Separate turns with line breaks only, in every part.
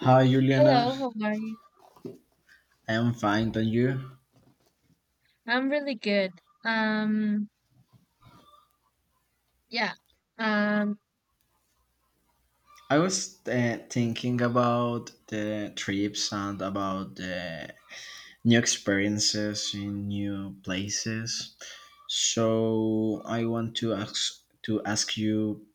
Hi, Juliana.
Hello, how are you?
I am fine, thank you?
I'm really good. Um, yeah. Um,
I was thinking about the trips and about the new experiences in new places. So I want to ask you,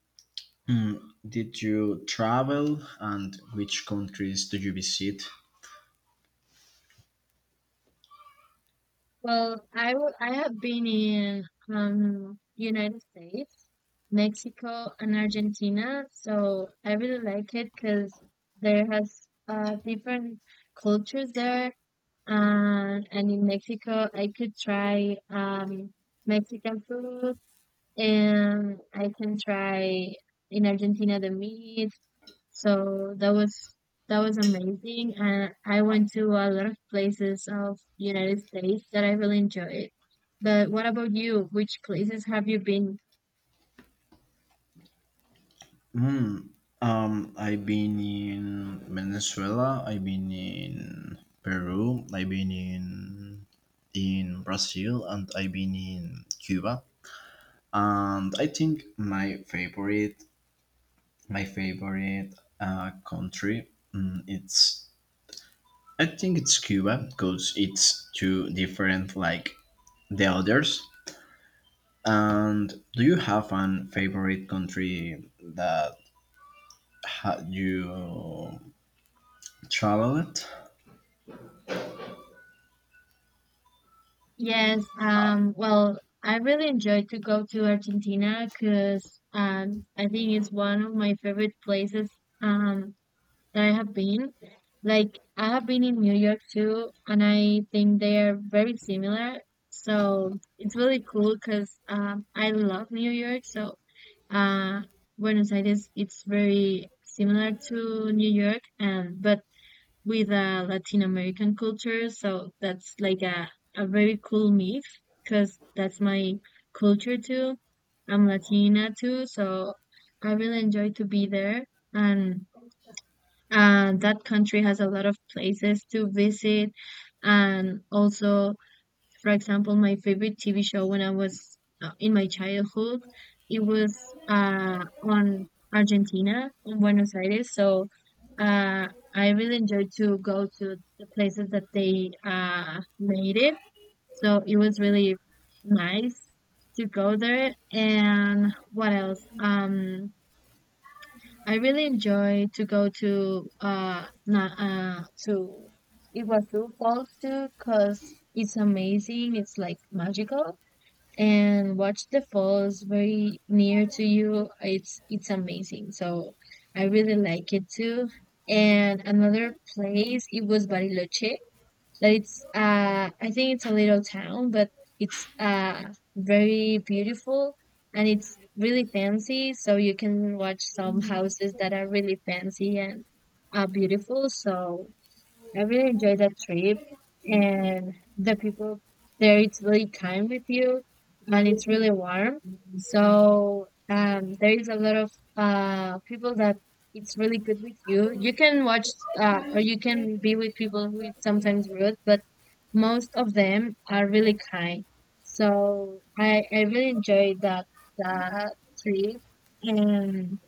mm, did you travel and which countries did you visit?
well, I have been in United States, Mexico, and Argentina, so I really like it because there has different cultures there. And in Mexico, I could try Mexican food, and I can try in Argentina the meat. So that was amazing. And I went to a lot of places of United States that I really enjoyed. But what about you? Which places have you been?
Hmm. I've been in Venezuela. I've been in Peru. I've been in Brazil, and I've been in Cuba. And I think my favorite country, it's I think it's Cuba because it's too different like the others. And do you have an favorite country that you traveled?
Yes, well, I really enjoyed to go to Argentina because I think it's one of my favorite places. Um, that I have been. Like I have been in New York too, and I think they are very similar. So it's really cool because I love New York. So uh, Buenos Aires, it's very similar to New York, and but with a Latin American culture. So that's like a very cool mix because that's my culture too. I'm Latina too, so I really enjoy to be there and and that country has a lot of places to visit and also for example my favorite TV show when I was in my childhood, it was on Argentina on Buenos Aires, so uh, I really enjoyed to go to the places that they made it, so it was really nice to go there. And what else? I really enjoy to go to na to Iguazu Falls too, cause it's amazing. It's like magical, and watch the falls very near to you. It's amazing. So I really like it too. And another place it was Bariloche, that it's I think it's a little town, but it's very beautiful and it's really fancy. So you can watch some houses that are really fancy and beautiful. So I really enjoyed that trip and the people there, it's really kind with you and it's really warm. So there is a lot of people that it's really good with you. You can watch or you can be with people who is sometimes rude, but most of them are really kind. So I really enjoyed that, that trip and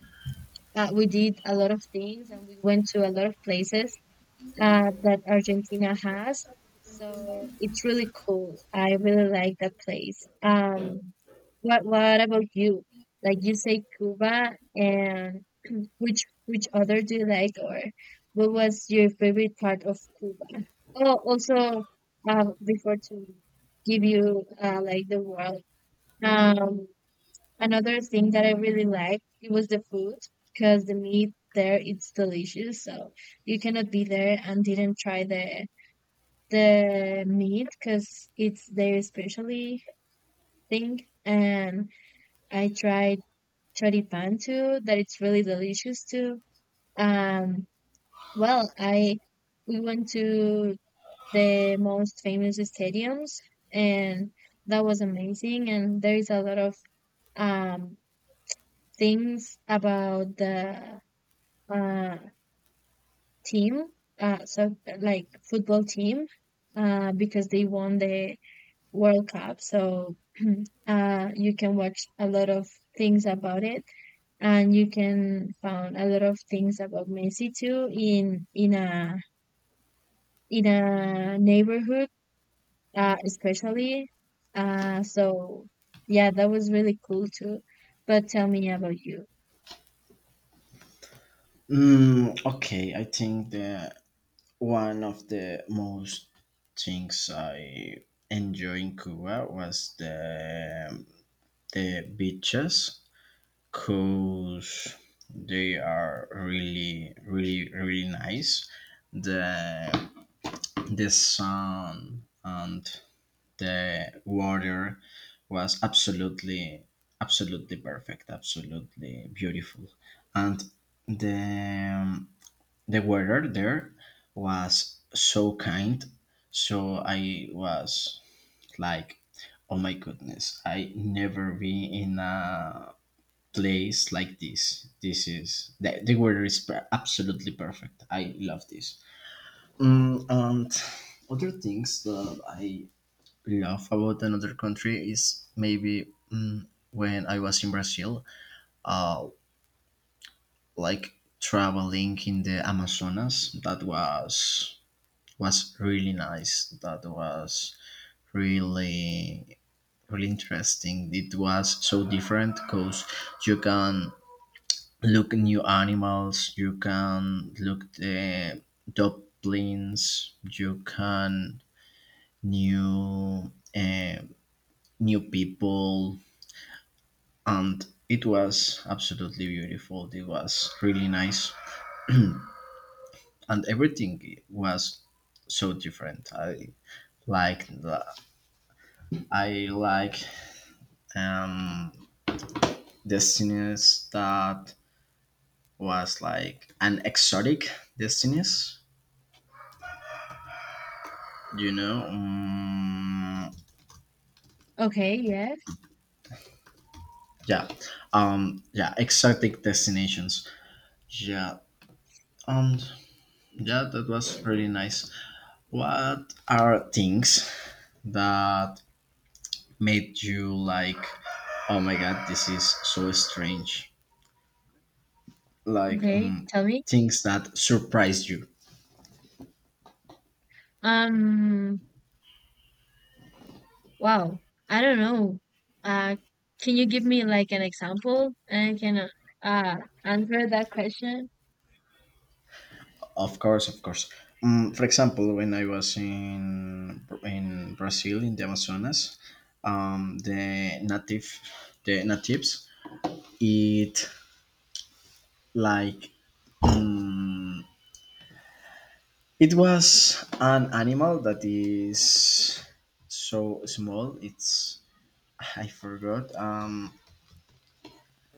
we did a lot of things and we went to a lot of places that Argentina has. So it's really cool. I really like that place. What about you? Like you say Cuba, and which other do you like, or what was your favorite part of Cuba? Oh, also, before to give you like the world. Um, Another thing that I really liked it was the food because the meat there it's delicious. So you cannot be there and didn't try the meat because it's their specialty thing. And I tried choripan too, that it's really delicious too. Um, well, I we went to the most famous stadiums and that was amazing. And there is a lot of um things about the uh team, so like football team, because they won the World Cup, so you can watch a lot of things about it and you can find a lot of things about Messi too in in a neighborhood, especially, so yeah, that was really cool too, but tell me about you.
Okay, I think the one of the most things I enjoy in Cuba was the beaches, cause they are really, really, really nice. The the sun and the water was absolutely, absolutely perfect, absolutely beautiful, and the the weather there was so kind, so I was like, "Oh my goodness, I never been in a place like this." The weather is absolutely perfect. I love this. And other things that I love about another country is maybe mm, when I was in Brazil, uh, like traveling in the Amazonas. That was really nice. That was really really interesting. It was so different because you can look new animals, you can look the dublins, you can new uh, new people, and it was absolutely beautiful. It was really nice, and everything was so different. Like the, I like um destinies that was like an exotic destinies you know um,
Okay, yes.
yeah. Yeah, exotic destinations. Yeah. um yeah, that was pretty nice. What are things that made you like, "Oh my god, this is so strange," like,
Okay, tell me.
things that surprised you?
um Wow, I don't know. Uh, can you give me like an example and can uh answer that question?
Of course, of course. For example, when I was in Brazil in the Amazonas, um, the native the natives eat like, um, it was an animal that is so small. It's I forgot.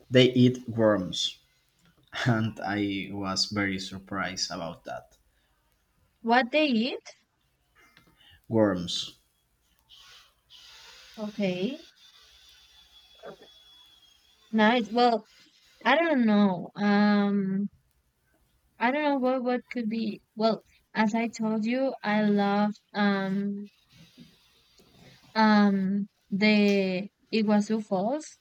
They eat worms, and I was very surprised about that.
What they eat?
Worms.
Okay, nice. Well, I don't know. I don't know what could be. Well, as I told you, I love the Iguazu Falls.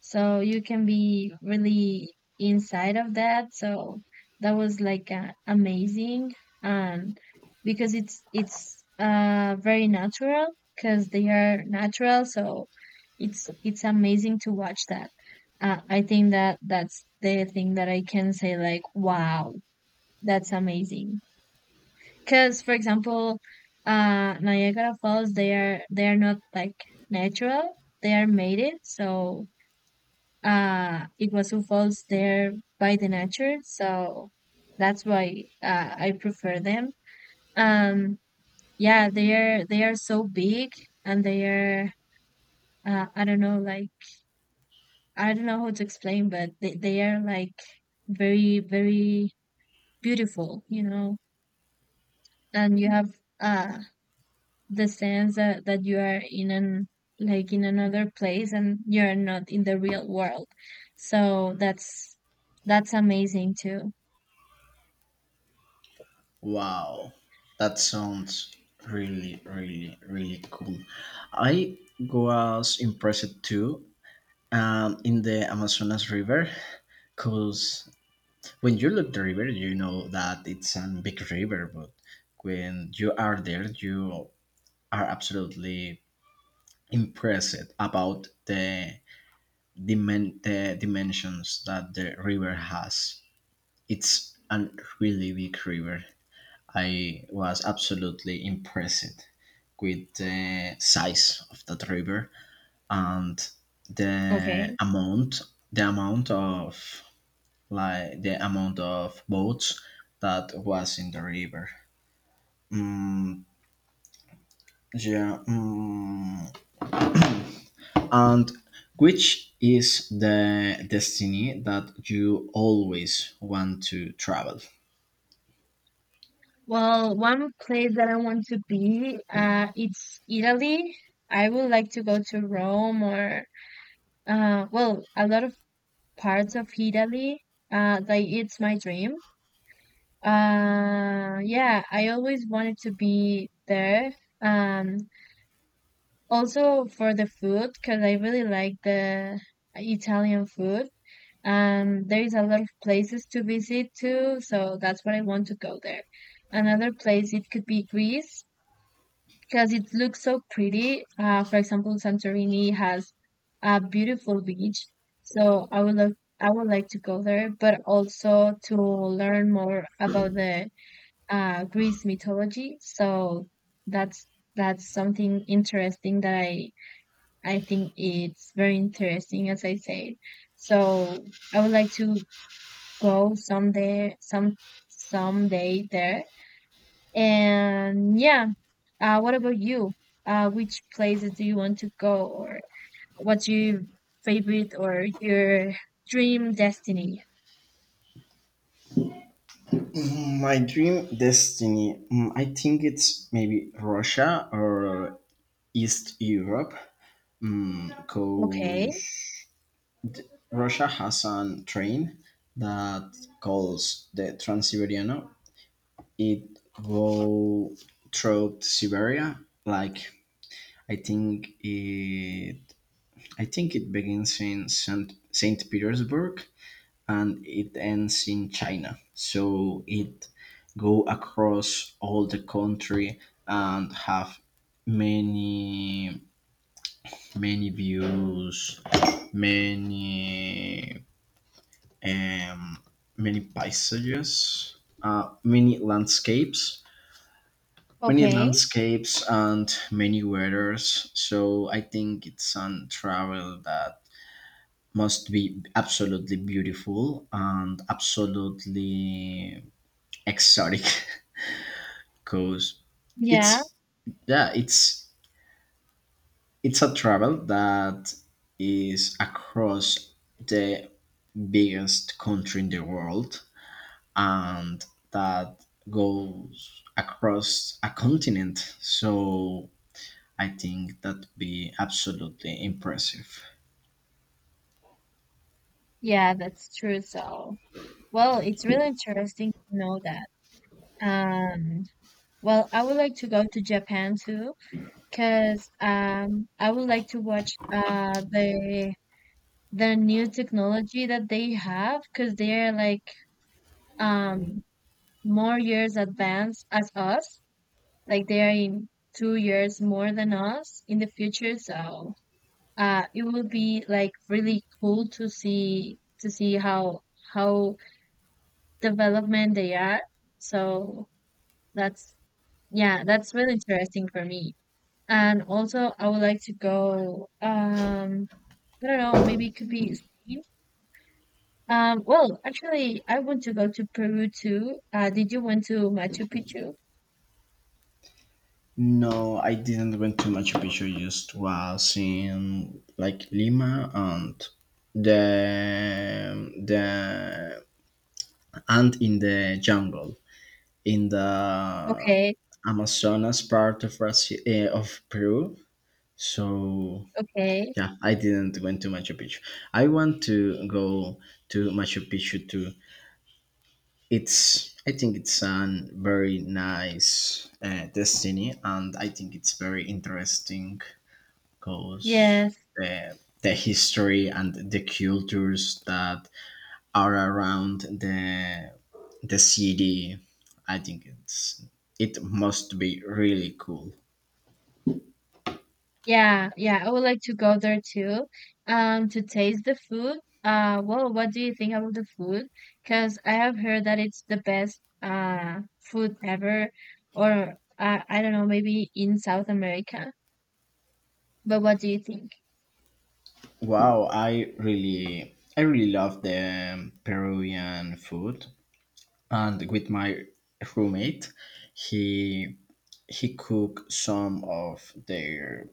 So you can be really inside of that. So that was like amazing, and because it's very natural because they are natural, so it's amazing to watch that. I think that that's the thing that I can say like wow, that's amazing. Because for example, Niagara Falls, they are not like natural, they are made it, so it was involved there by the nature, so that's why I prefer them. um yeah, they are so big, and they are I don't know, like I don't know how to explain, but they are like very beautiful, and you have the sense that you are in an, like in another place, and you're not in the real world, so that's amazing too.
Wow, that sounds really, really, really cool. I was impressed too, in the Amazonas River, because when you look the river, you know that it's a big river, but when you are there, you are absolutely impressed about the dimensions that the river has. It's a really big river. I was absolutely impressed with the size of that river and the
Okay,
amount the amount of like the amount of boats that was in the river. Mm, yeah. Mm. And which is the destiny that you always want to travel?
well, one place that I want to be, it's Italy. I would like to go to Rome, or well, a lot of parts of Italy. Like it's my dream. Yeah, I always wanted to be there. Um, also for the food, because I really like the Italian food. There is a lot of places to visit too, so that's what I want to go there. Another place, it could be Greece, because it looks so pretty. For example, Santorini has a beautiful beach, so I would love, I would like to go there, but also to learn more about the Greece mythology. So that's that's something interesting that I think it's very interesting, as I said. So I would like to go someday, someday there, and yeah, what about you? Which places do you want to go, or what's your favorite or your dream destiny?
My dream destiny, I think it's maybe Russia or East Europe,
Okay.
because Russia has a train that calls the Trans-Siberian. It goes through Siberia, like, I think it. I think it begins in Saint Petersburg, and it ends in China. So it go across all the country, and have many many views, many um, many paisages, uh, many landscapes, many
Okay,
landscapes and many weathers. So I think it's a travel that must be absolutely beautiful and absolutely exotic, because
yeah,
it's yeah, it's a travel that is across the biggest country in the world and that goes across a continent. So I think that'd be absolutely impressive.
yeah, that's true. So, well, it's really interesting to know that. Um, well, I would like to go to Japan too, because I would like to watch the new technology that they have, because they're like um more years advanced as us. Like they are in 2 years more than us in the future. So it will be like really cool to see how how development they are. So that's yeah, that's really interesting for me. And also, I would like to go. I don't know. Maybe it could be Spain. Well, actually, I want to go to Peru too. Did you went to Machu Picchu?
No, I didn't went to Machu Picchu. Just was in like Lima, the the and in the jungle in the
Okay,
Amazonas part of Brazil, of Peru. So.
okay.
Yeah, I didn't went to Machu Picchu. I want to go to Machu Picchu too. It's I think it's a very nice destiny, and I think it's very interesting because
Yes.
the history and the cultures that are around the city. I think it must be really cool.
Yeah, yeah, I would like to go there too, to taste the food. Well, what do you think about the food? Because I have heard that it's the best food ever, or I don't know, maybe in South America. But what do you think?
Wow, I really love the Peruvian food. And with my roommate, he he cooked some of their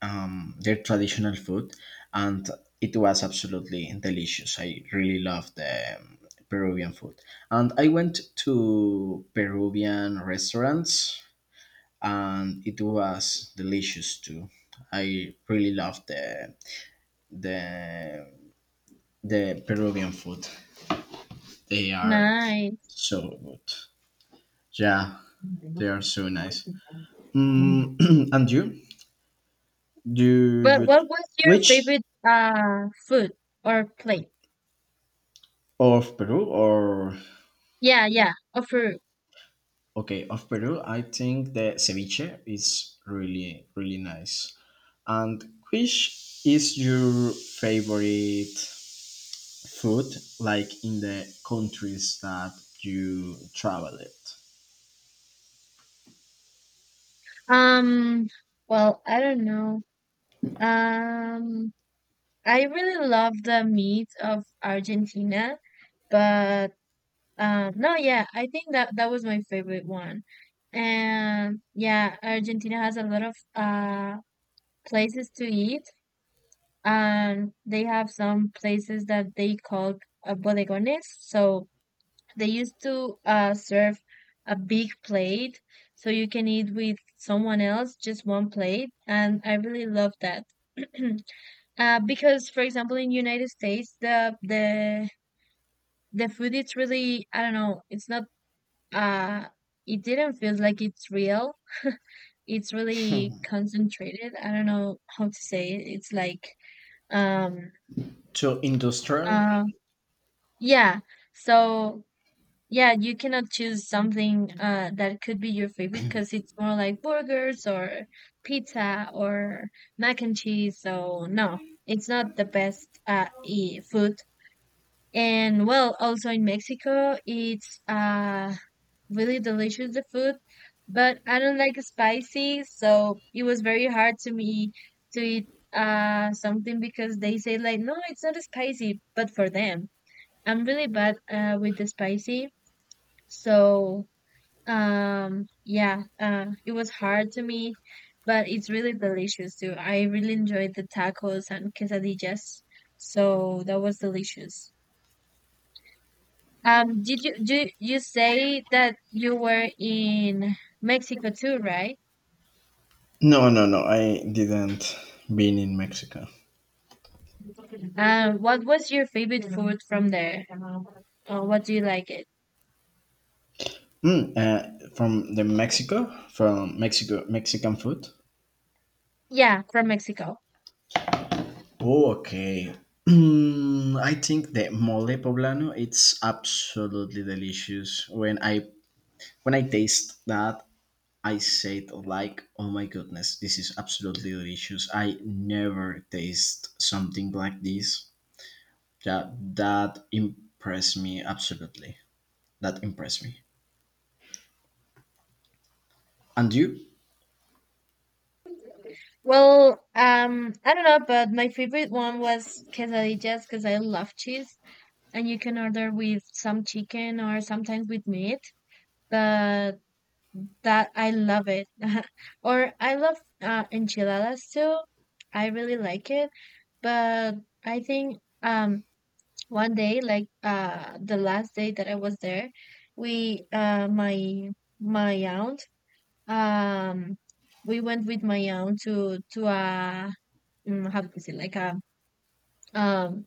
um, their traditional food, and it was absolutely delicious. I really love the Peruvian food, and I went to Peruvian restaurants, and it was delicious too. I really love the the Peruvian food. They are
Nice.
so good. Yeah, they are so nice. Mm, and you? Do
But
you t-
what was your
which
favorite food or plate?
of Peru, or
Yeah, yeah, of fruit.
okay, of Peru? I think the ceviche is really really nice. And which is your favorite food? Like in the countries that you traveled,
Um, well, I don't know. Um. I really love the meat of Argentina, but no, yeah, I think that that was my favorite one. And yeah, Argentina has a lot of places to eat, and they have some places that they call bodegones. So they used to serve a big plate, so you can eat with someone else, just one plate, and I really love that. Because for example, in United States, the food it's really I don't know, it's not uh it didn't feel like it's real. It's really concentrated. I don't know how to say it. It's like um
to industrial?
uh yeah. So yeah, you cannot choose something that could be your favorite because it's more like burgers or pizza or mac and cheese. So no, it's not the best e food. And well, also in Mexico, it's really delicious the food, but I don't like spicy, so it was very hard to me to eat something because they say like no, it's not spicy, but for them, I'm really bad with the spicy, so yeah, it was hard to me, but it's really delicious too. I really enjoyed the tacos and quesadillas, so that was delicious. Did you do you say that you were in Mexico too, right?
No, no, no. I didn't been in Mexico.
What was your favorite food from there? What do you like it?
From Mexico, Mexican food.
Yeah, from Mexico.
Oh, okay. I think the mole poblano it's absolutely delicious. When I taste that, I said like, "Oh my goodness, this is absolutely delicious. I never taste something like this." That impressed me absolutely. That impressed me. And you?
Well, I don't know, but my favorite one was quesadillas because I love cheese, and you can order with some chicken or sometimes with meat. But that I love it. Or I love enchiladas too. I really like it. But I think one day, like the last day that I was there, we my aunt, um we went with my aunt to how to say, like a um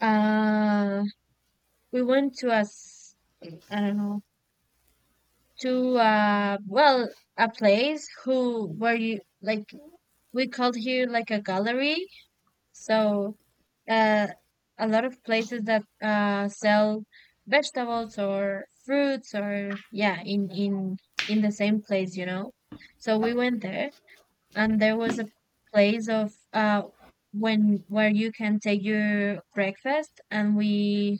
uh we went to a s- I don't know, to well, a place who where you like, we called here like a gallery. So, uh, a lot of places that sell vegetables or fruits or yeah, in in the same place. So we went there, and there was a place of when where you can take your breakfast, and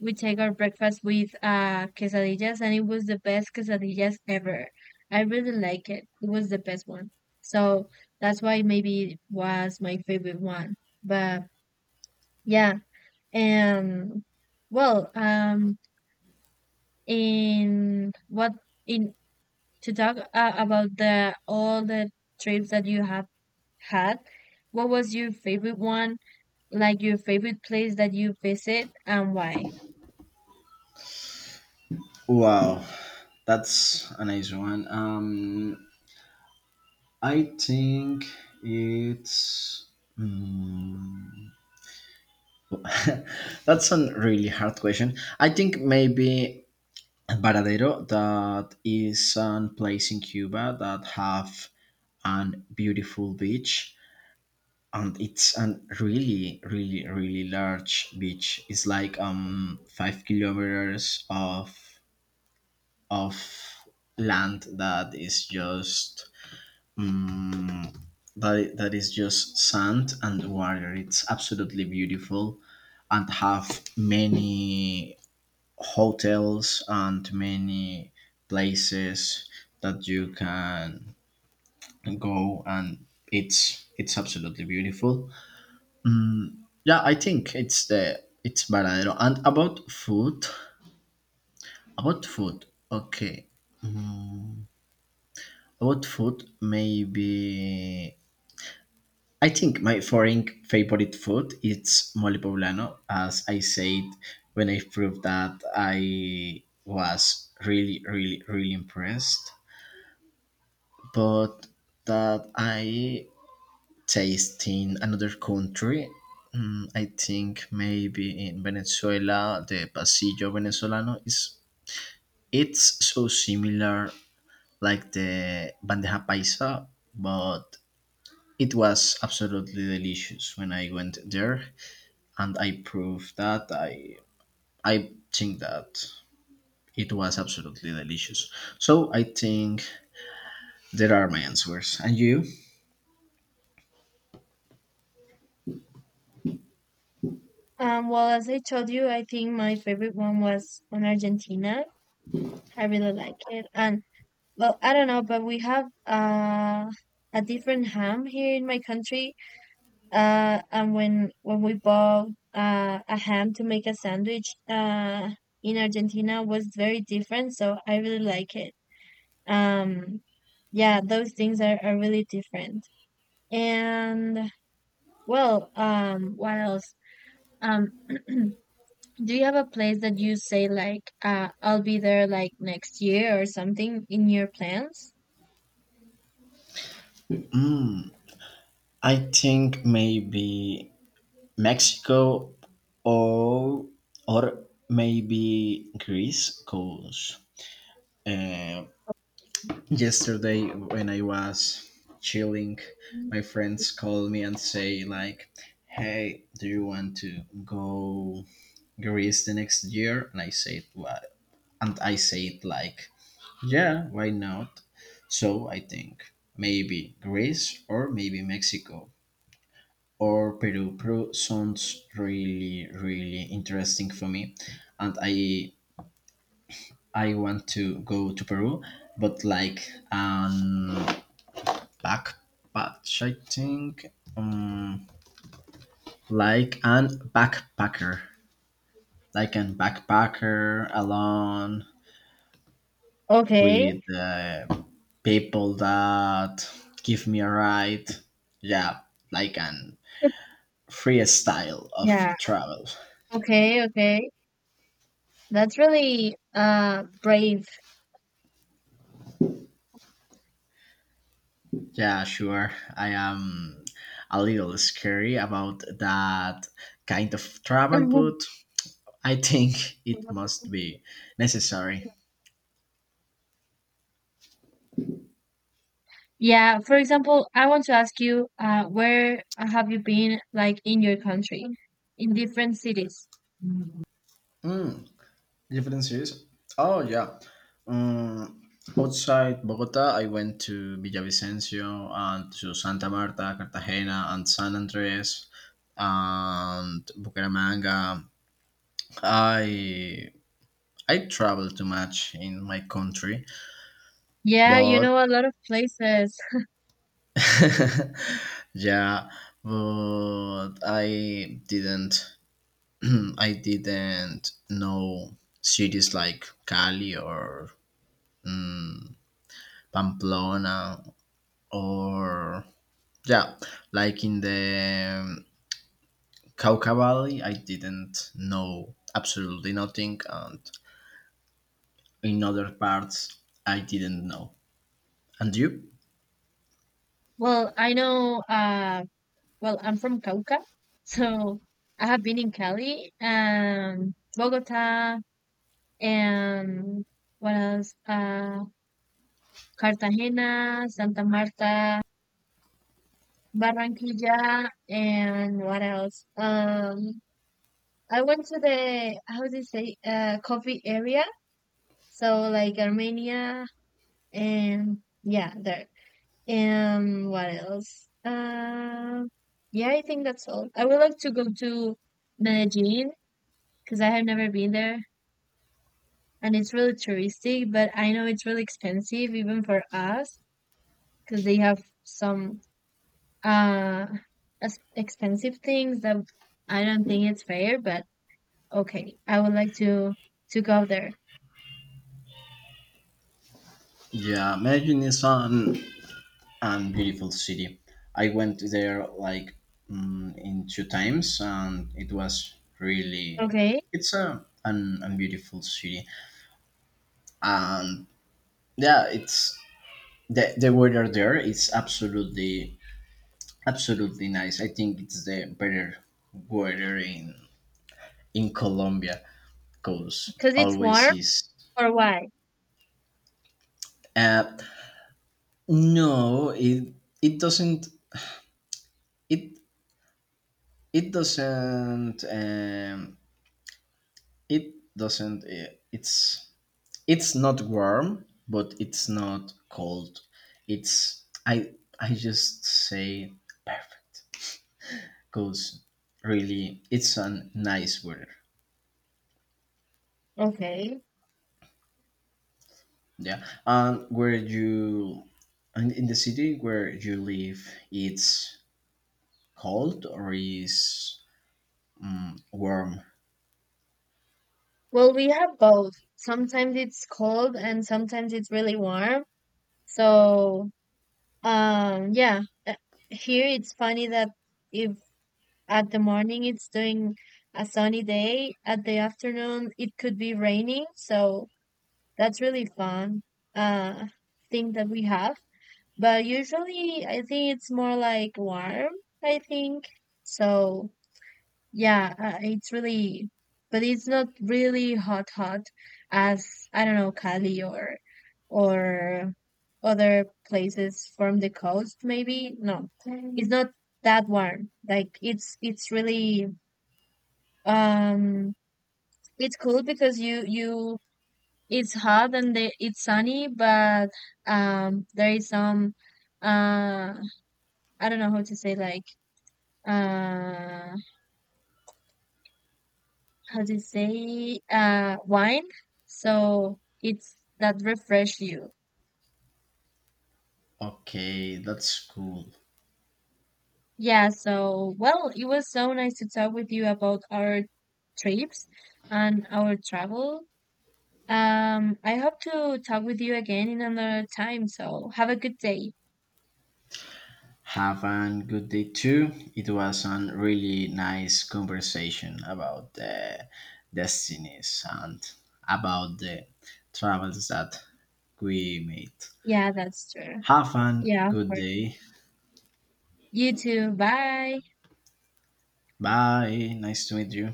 we take our breakfast with quesadillas, and it was the best quesadillas ever. I really like it. It was the best one. So that's why maybe it was my favorite one. But yeah, and well, in what in to talk about the all the trips that you have had, what was your favorite one? Like your favorite place that you visit, and why?
Wow, that's a nice one. I think it's. Mm, that's a really hard question. I think maybe Varadero, that is a place in Cuba that have an beautiful beach, and it's a really, really, really large beach. It's like 5 kilometers of of land that is just um, that is just sand and water. It's absolutely beautiful, and have many hotels and many places that you can go, and it's absolutely beautiful. Yeah, I think it's Varadero. And about food, okay. about food Maybe I think my foreign favorite food is mole poblano, as I said. When I proved that, I was really really really impressed. But that I taste in another country. I think maybe in Venezuela, the pasillo venezolano is it's so similar like the bandeja paisa, but it was absolutely delicious when I went there, and I proved that I think that it was absolutely delicious. So I think there are my answers. And you?
Well, as I told you, I think my favorite one was on Argentina. I really like it, and well, I don't know, but we have a different ham here in my country. And when we bought a ham to make a sandwich, in Argentina was very different, so I really like it. Um, yeah, those things are really different. And well, what else? Um, do you have a place that you say like I'll be there like next year or something, in your plans?
Mm, I think maybe Mexico, or maybe Greece, because uh, yesterday when I was chilling, my friends called me and say like, "Hey, do you want to go Greece the next year?" And I said, "What?" And I said like, "Yeah, why not?" So I think maybe Greece or maybe Mexico. Or Peru. Peru sounds really really interesting for me, and I want to go to Peru, but like an backpatch I think, um, like an backpacker, like an backpacker alone
Okay.
with people that give me a ride. Yeah, like an freestyle
Yeah.
of travel.
Okay. Okay. That's really brave.
Yeah, sure. I am a little scary about that kind of travel, but I think it must be necessary.
Yeah, for example, I want to ask you, where have you been, like in your country, in different cities?
Mm, Differences? Oh, yeah. Um, outside Bogota, I went to Villavicencio and to Santa Marta, Cartagena, and San Andres, and Bucaramanga. I I travel too much in my country,
Yeah, you
but
know a lot of places.
yeah, but I didn't I didn't know cities like Cali, or mm, Pamplona, or yeah, like in the Cauca Valley, I didn't know absolutely nothing, and in other parts, I didn't know. And you?
Well, I know, well, I'm from Cauca, so I have been in Cali and Bogota, and what else? Cartagena, Santa Marta, Barranquilla, and what else? I went to the, how do you say, coffee area. So like Armenia, and yeah, there. And what else? Yeah, I think that's all. I would like to go to Medellin because I have never been there and it's really touristic, but I know it's really expensive even for us because they have some uh expensive things that I don't think it's fair, but okay, I would like to go there.
Yeah, Medellin is an and beautiful city. I went there like in two times, and it was really
Okay,
a beautiful city. And yeah, it's the weather there is absolutely absolutely nice. I think it's the better weather in Colombia, because
because it's
always
warm,
is.
or why?
Uh, no, it doesn't, it it doesn't, it doesn't, it's not warm but it's not cold. It's I just say perfect, because really it's a nice weather.
Okay.
Yeah, and where you, and in the city where you live, it's cold or is warm?
Well, we have both. Sometimes it's cold and sometimes it's really warm. So, yeah, here it's funny that if at the morning it's doing a sunny day, at the afternoon it could be raining. So that's really fun, uh, thing that we have. But usually I think it's more like warm, I think. So, yeah, it's really, but it's not really hot hot as I don't know Cali or other places from the coast maybe. No, it's not that warm. Like it's really um it's cool because you it's hot and the, it's sunny, but there is some uh I don't know how to say, like uh how to say wine, so it's that refresh you.
Okay, that's cool.
Yeah, so well, it was so nice to talk with you about our trips and our travel. I hope to talk with you again in another time, so have a good day.
Have a good day too. It was a really nice conversation about the destinies and about the travels that we made.
Yeah, that's true.
Have a
Yeah, of
good
course,
day.
you too. Bye.
Bye. Nice to meet you.